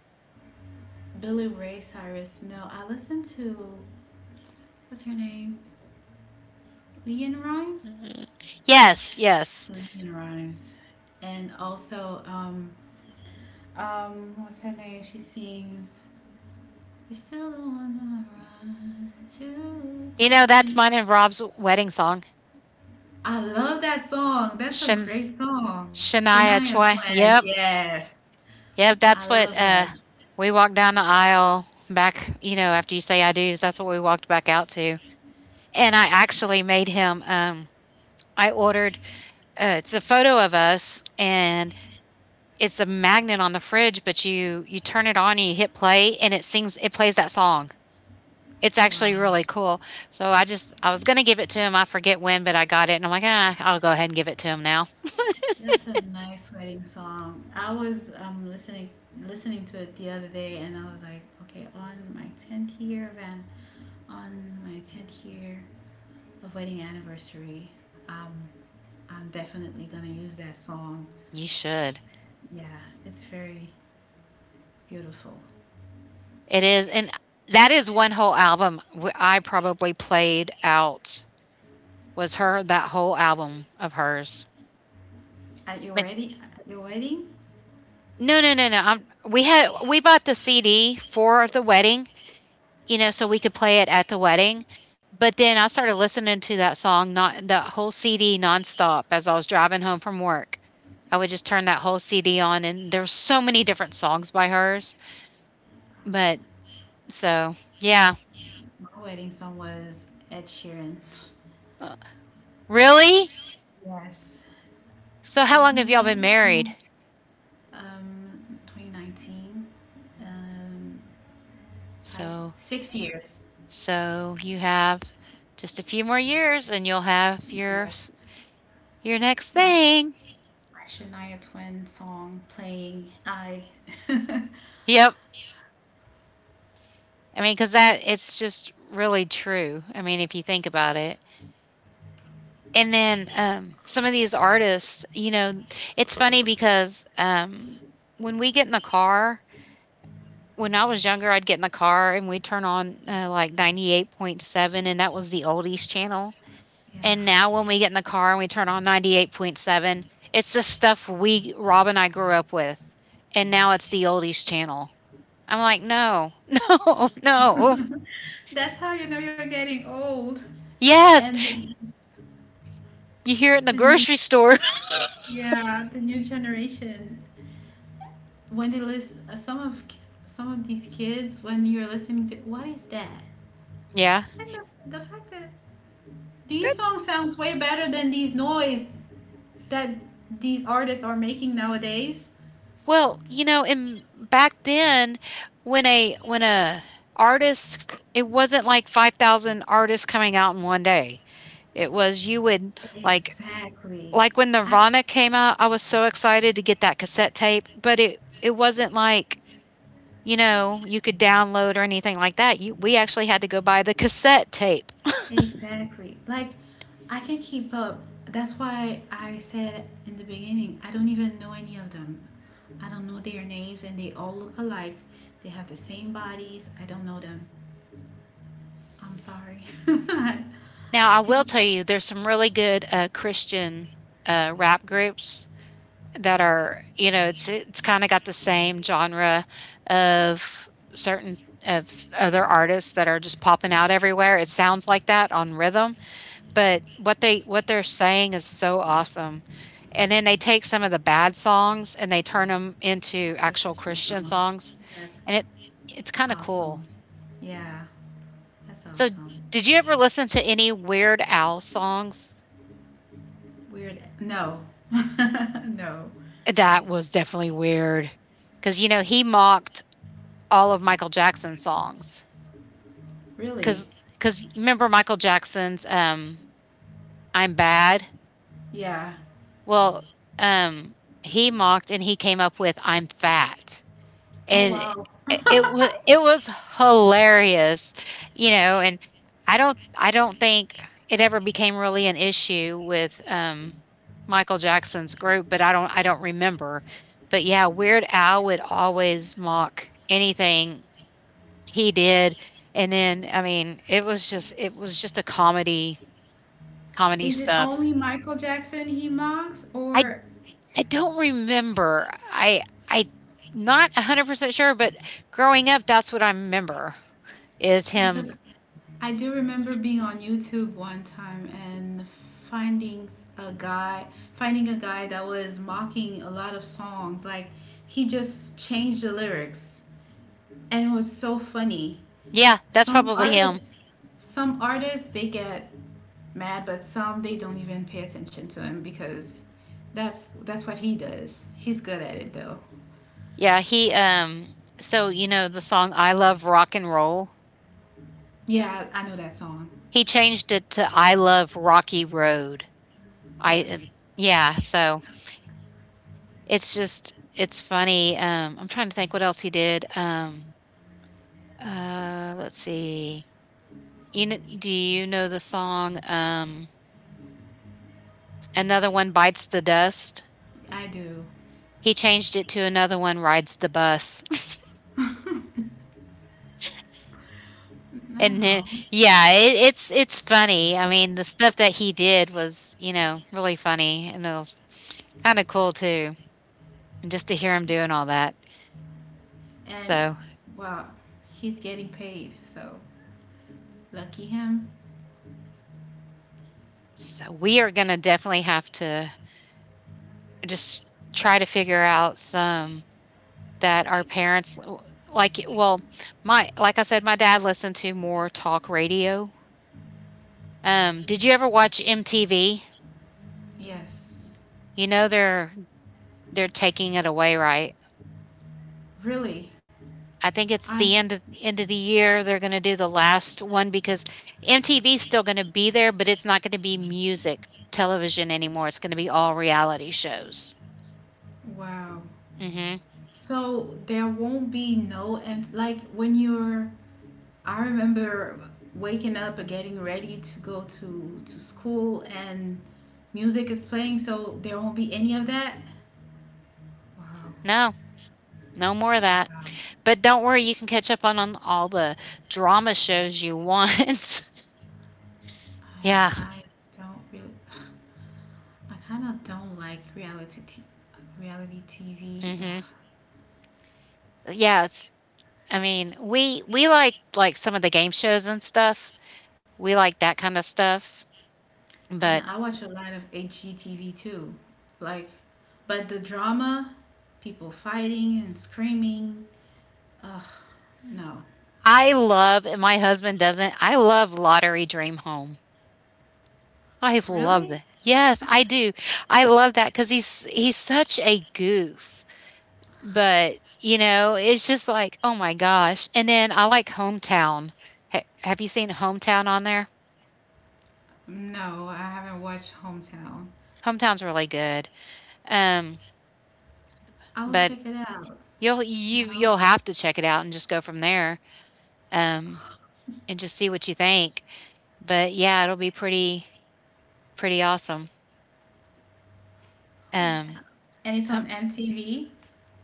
S2: Billy Ray Cyrus. No, I listened to what's her name? Leon Rhymes.
S1: Mhm. Yes, yes.
S2: Selena Rhymes. And also, what's her name? She sings, you're still the one I run to.
S1: You know, that's mine and Rob's wedding song.
S2: I love that song. That's a
S1: Shan-
S2: great song.
S1: Shania
S2: Shania
S1: Twain.
S2: Twain,
S1: Yep.
S2: yes.
S1: Yep,
S2: I
S1: that's
S2: love
S1: what,
S2: her.
S1: we walked down the aisle back, you know, after you say "I do's," that's what we walked back out to, and I actually made him, I ordered, it's a photo of us, and it's a magnet on the fridge, but you turn it on and you hit play, and it plays that song. It's
S2: Wow.
S1: actually really cool. So I was gonna give it to him, I forget when, but I got it, and I'm like, "Ah, I'll go ahead and give it to him now."
S2: That's a nice wedding song. I was listening to it the other day and I was like, okay, on my 10th year of on my 10th year of wedding anniversary, um, I'm definitely gonna use that song.
S1: You should.
S2: Yeah, it's very beautiful.
S1: It is, and that is one whole album w I probably played out was her that whole album of hers.
S2: At your
S1: But
S2: wedding, at your wedding,
S1: no, no, no, no. We had we bought the CD for the wedding, you know, so we could play it at the wedding. But then I started listening to that song, not that whole CD nonstop as I was driving home from work. I would just turn that whole CD on, and there's so many different songs by hers. But so, yeah,
S2: my wedding song was Ed Sheeran.
S1: Uh, really.
S2: Yes.
S1: So, how
S2: When
S1: long have
S2: you
S1: y'all been
S2: let it
S1: married?
S2: go, 2019, um, five,
S1: So,
S2: 6 years.
S1: so you have just a few more years, and you'll have your
S2: Yes.
S1: Your next
S2: My Sh-
S1: thing.
S2: my Shania Twain song playing. I. yeah.
S1: Yep. I mean, because that it's just really true. I mean, if you think about it. And then, some of these artists, you know, it's funny because, when we get in the car when I was younger, I'd get in the car and we'd turn on, like, 98.7, and that was the oldies channel. And now when we get in the car and we turn on 98.7, it's the stuff we Rob and I grew up with, and now it's the oldies channel. I'm like, "No, no, no."
S2: That's how you know you're getting old.
S1: Yes,
S2: And the,
S1: you hear it in the
S2: the new
S1: grocery store.
S2: Yeah, the new generation. When they listen, some of these kids, when you're listening to, what is that?
S1: Yeah.
S2: And the fact that these
S1: That's
S2: songs sounds way better than these noise that these artists are making nowadays.
S1: Well, you know, in back then when a artist it wasn't like 5,000 artists coming out in one day. It was you would like
S2: Exactly.
S1: like when
S2: I,
S1: Nirvana came out, I was so excited to get that cassette tape, but it wasn't like, you know, you could download or anything like that. You We actually had to go buy the cassette tape.
S2: exactly. Like I can keep up. That's why I said in the beginning, I don't even know any of them. I don't know their names, and they all look alike. They have the same bodies. I don't know them. I'm sorry. I
S1: Now, I will tell you there's some really good Christian rap groups that are, you know, it's kinda got the same genre of certain of s other artists that are just popping out everywhere. It sounds like that on rhythm, but what they're saying is so awesome. And then they take some of the bad songs and they turn them into
S2: ask the
S1: actual
S2: question, so
S1: Christian songs,
S2: that's
S1: and it's kinda cool.
S2: awesome. Yeah, that's
S1: So,
S2: awesome.
S1: did you ever listen to any Weird Al songs?
S2: Weird. No, no,
S1: That was definitely weird, because, you know, he mocked all of Michael Jackson's songs.
S2: really.
S1: because because remember Michael Jackson's I'm bad.
S2: Yeah.
S1: Well, um he mocked and he came up with I'm fat,
S2: Oh
S1: and
S2: wow.
S1: it was it was hilarious, you know. And I don't think it ever became really an issue with Michael Jackson's group, but I don't remember. But yeah, Weird Al would always mock anything he did. And then, I mean, it was just a comedy
S2: Is it
S1: stuff.
S2: only Michael Jackson he mocks,
S1: I
S2: or
S1: I don't remember. I not 100% sure, but growing up, that's what I remember is him.
S2: because I do remember being on YouTube one time and finding a guy, finding a guy that was mocking a lot of songs. Like he just changed the lyrics, and it was so funny.
S1: Yeah, that's
S2: some
S1: probably him.
S2: artists some artists they get mad but some they don't even pay attention to him because that's what he does. He's good at it though.
S1: Yeah, he so you know the song I Love Rock and Roll?
S2: Yeah, I know that song.
S1: He changed it to I Love Rocky Road. I
S2: Really,
S1: yeah, so it's just it's funny. Um, I'm trying to think what else he did. Let's see. You know, do you know the song Another one bites the dust.
S2: I do.
S1: He changed it to another one rides the bus. And then
S2: No.
S1: yeah, it's funny. I mean, the stuff that he did was, you know, really funny and it was kinda cool too, and just to hear him doing all that.
S2: And
S1: So
S2: well, he's getting paid, so lucky him.
S1: so we are gonna definitely have to just try to figure out some that our parents like, well, my like I said, my dad listened to more talk radio. Did you ever watch MTV?
S2: Yes,
S1: You know they're taking it away, right?
S2: really.
S1: I think it's the
S2: I
S1: end of the year they're going to do the last one because MTV's still going to be there, but it's not going to be music television anymore. It's going to be all reality shows.
S2: wow.
S1: Mhm.
S2: So there won't be no and like when you're I remember waking up and getting ready to go to school, and music is playing, so there won't be any of that. Wow,
S1: No. No more of that.
S2: wow.
S1: But don't worry, you can catch up on all the drama shows you want.
S2: I
S1: yeah.
S2: I don't really. I kind of don't like reality TV. Ugh.
S1: Mhm. Yeah, it's I mean, we like some of the game shows and stuff. We like that kind of stuff,
S2: And
S1: but
S2: I watch a lot of HGTV too. Like, but the drama, people fighting and screaming. Ugh, no,
S1: I love and my husband doesn't. I love Lottery Dream Home. I love
S2: really?
S1: that. Yes, I do. I love that because he's such a goof, but, you know, it's just like, "Oh my gosh," and then I like Hometown. Ha Have you seen Hometown on there?
S2: No, I haven't watched Hometown.
S1: Hometown's really good, um,
S2: I will
S1: but
S2: check it out.
S1: you'll
S2: You
S1: you
S2: know.
S1: you'll have to check it out and just go from there, um, and just see what you think, but yeah, it'll be pretty awesome, um,
S2: Hometown. And it's
S1: so
S2: on MTV?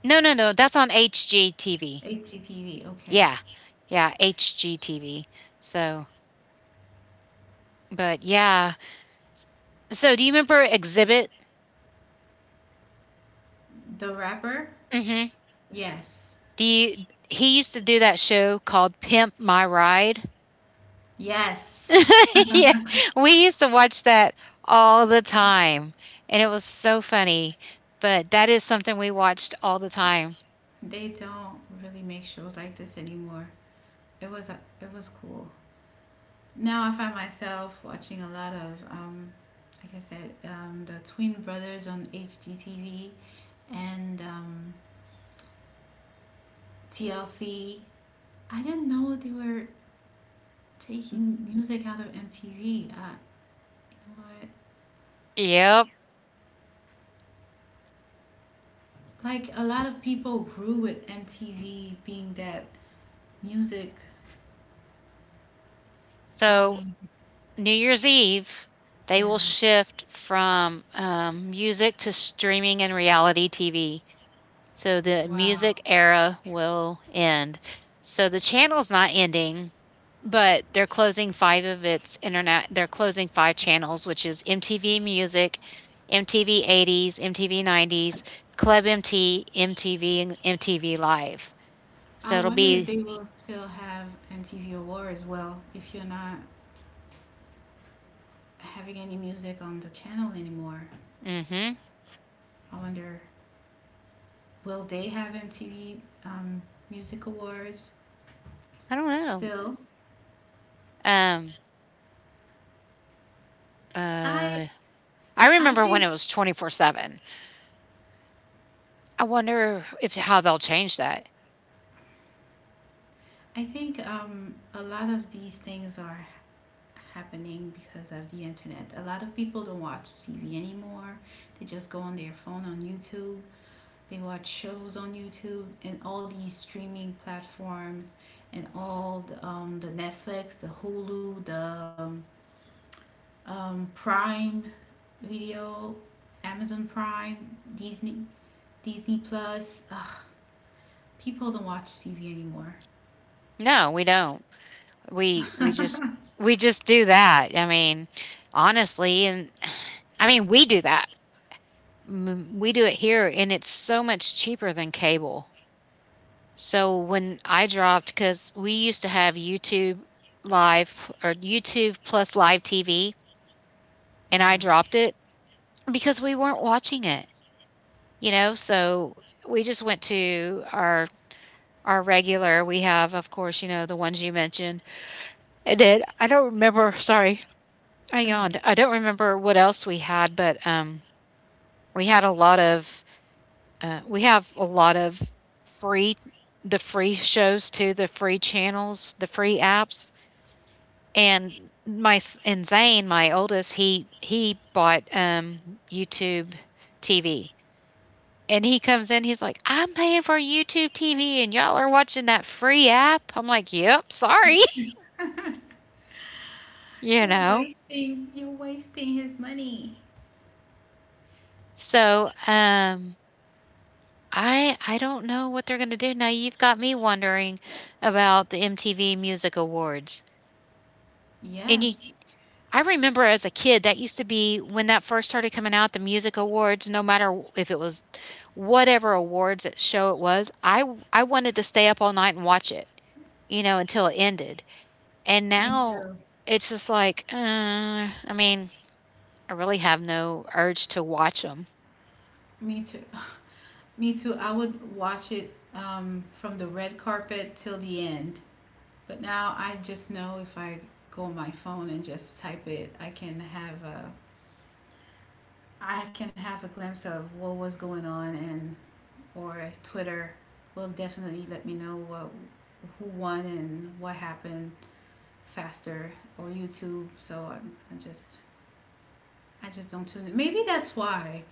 S1: No, no, no, that's on HGTV.
S2: HGTV, okay.
S1: Yeah. Yeah, HGTV. So, but yeah. S- So, do you remember Exhibit?
S2: The rapper?
S1: Hmm.
S2: Yes.
S1: Do you He used to do that show called Pimp My Ride?
S2: Yes.
S1: yeah. We used to watch that all the time, and it was so funny. But that is something we watched all the time.
S2: They don't really make shows like this anymore. It was cool. Now I find myself watching a lot of like I said, the Twin Brothers on HGTV and TLC. I didn't know they were taking music out of MTV. You know what?
S1: Yep.
S2: Like a lot of people grew with MTV being that music.
S1: So,
S2: Um,
S1: New Year's Eve, they will
S2: Yeah,
S1: shift from music to streaming and reality TV. So the
S2: wow.
S1: music era will end. So the channel's not ending, but they're closing five of its internet. They're closing five channels, which is MTV Music, MTV 80s, MTV 90s, Club MT, MTV, and MTV Live.
S2: I
S1: So it'll
S2: wonder if
S1: be.
S2: they will still have MTV Awards. Well, if you're not having any music on the channel anymore,
S1: Hmm.
S2: I wonder will they have MTV Music Awards
S1: I don't know.
S2: still?
S1: Um.
S2: I
S1: Uh. I
S2: I
S1: remember when it
S2: think
S1: was 24/7. I wonder if how they'll change that.
S2: I think a lot of these things are happening because of the internet. A lot of people don't watch TV anymore. They just go on their phone on YouTube. They watch shows on YouTube and all these streaming platforms and all the Netflix, the Hulu, the Prime Video, Amazon Prime, Disney, Disney Plus. Ugh, people don't watch TV anymore.
S1: No, we don't. We
S2: Yeah,
S1: we just we just do that. I mean, honestly, and I mean, we do that. We do it here, and it's so much cheaper than cable. So when I dropped, because we used to have YouTube Live or YouTube plus live TV, and I dropped it because we weren't watching it, you know? So we just went to our regular, we have, of course, you know, the ones you mentioned. And then I don't remember, sorry, I
S2: it's
S1: yawned.
S2: okay.
S1: I don't remember what else we had, but we had a lot of, we have a lot of free, the free shows too, the free channels, the free apps. And Zane, my oldest, he bought YouTube TV. And he comes in, he's like, I'm paying for YouTube TV and y'all are watching that free app. I'm like, yep, sorry. You know?
S2: You're wasting his money.
S1: So, I don't know what they're gonna do. Now you've got me wondering about the MTV Music Awards. And
S2: Yes.
S1: you, I remember as a kid that used to be when that first started coming out, the music awards, no matter if it was whatever show it was, I wanted to stay up all night and watch it, you know, until it ended. And
S2: Me
S1: now
S2: too.
S1: it's just like, I mean, I really have no urge to watch them,
S2: Me too. Me too. I would watch it from the red carpet till the end. But now I just know if I go on my phone and just type it, I can have a glimpse of what was going on and or Twitter will definitely let me know what who won and what happened faster or YouTube. I just don't tune in. Maybe that's why.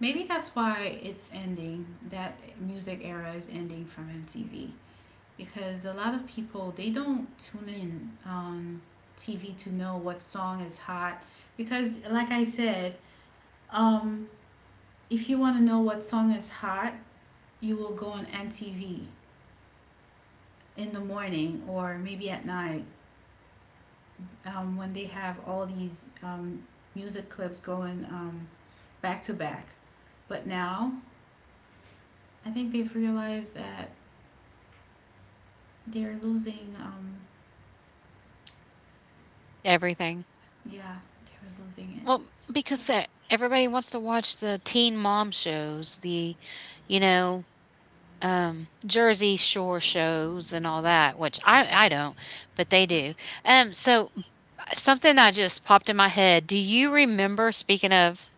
S2: Maybe that's why it's ending. That music era is ending from MTV. Because a lot of people they don't tune in on TV to know what song is hot because like I said, um, if you want to know what song is hot, you will go on MTV in the morning or maybe at night when they have all these music clips going back to back. But now I think they've realized that they're losing.
S1: everything.
S2: Yeah, they're losing it.
S1: Well, because e everybody wants to watch the teen mom shows, the, you know, Jersey Shore shows and all that, which I don't, but they do. So something that just popped in my head. Do you remember, speaking of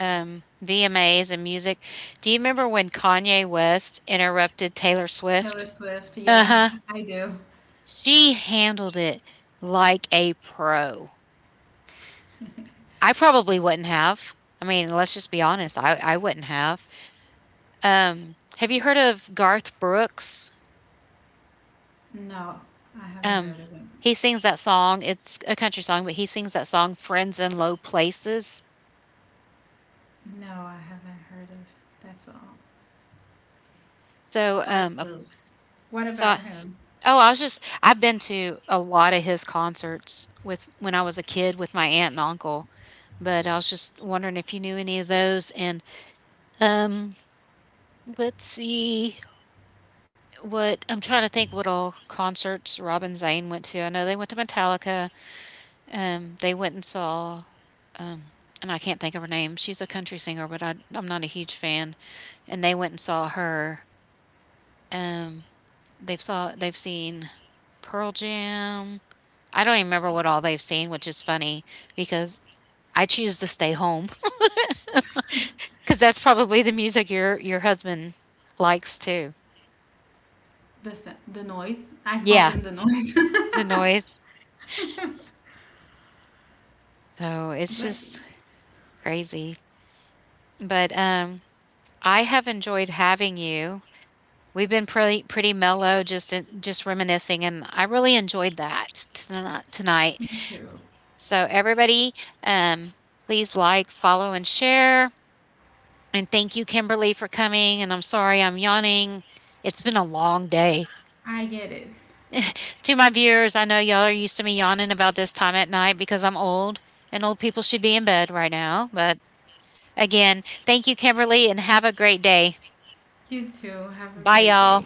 S1: VMAs and music, do you remember when Kanye West interrupted Taylor Swift?
S2: Taylor Swift. Yeah,
S1: Uh-huh.
S2: I do.
S1: She handled it like a pro. I probably wouldn't have. I mean, let's just be honest. I wouldn't have. Have you heard of Garth Brooks?
S2: No, I haven't
S1: Um,
S2: heard of him.
S1: he sings that song. It's a country song, but he sings that song "Friends in Low Places."
S2: No, I haven't heard of. That's all.
S1: So,
S2: Guard Brooks. What
S1: I,
S2: about him?
S1: oh, I was just I've been to a lot of his concerts with when I was a kid with my aunt and uncle, but I was just wondering if you knew any of those. And um, let's see what I'm trying to think what all concerts Robin Zane went to. I know they went to Metallica. They went and saw, um, and I can't think of her name. She's a country singer, but I'm not a huge fan. And they went and saw her. Um, they've seen Pearl Jam. I don't even remember what all they've seen, which is funny because I choose to stay home because that's probably the music your husband likes too.
S2: The noise. I called
S1: Yeah,
S2: him the noise.
S1: the noise. So it's
S2: but
S1: just crazy. But I have enjoyed having you. We've been pretty mellow, just just reminiscing, and I really enjoyed that tonight.
S2: me too.
S1: So everybody, um, please like, follow, and share. And thank you, Kimberly, for coming. And I'm sorry I'm yawning. It's been a long day.
S2: I get it.
S1: To my viewers, I know y'all are used to me yawning about this time at night because I'm old, and old people should be in bed right now. But again, thank you, Kimberly, and have a great day.
S2: You too. Have a
S1: Bye,
S2: great day.
S1: y'all.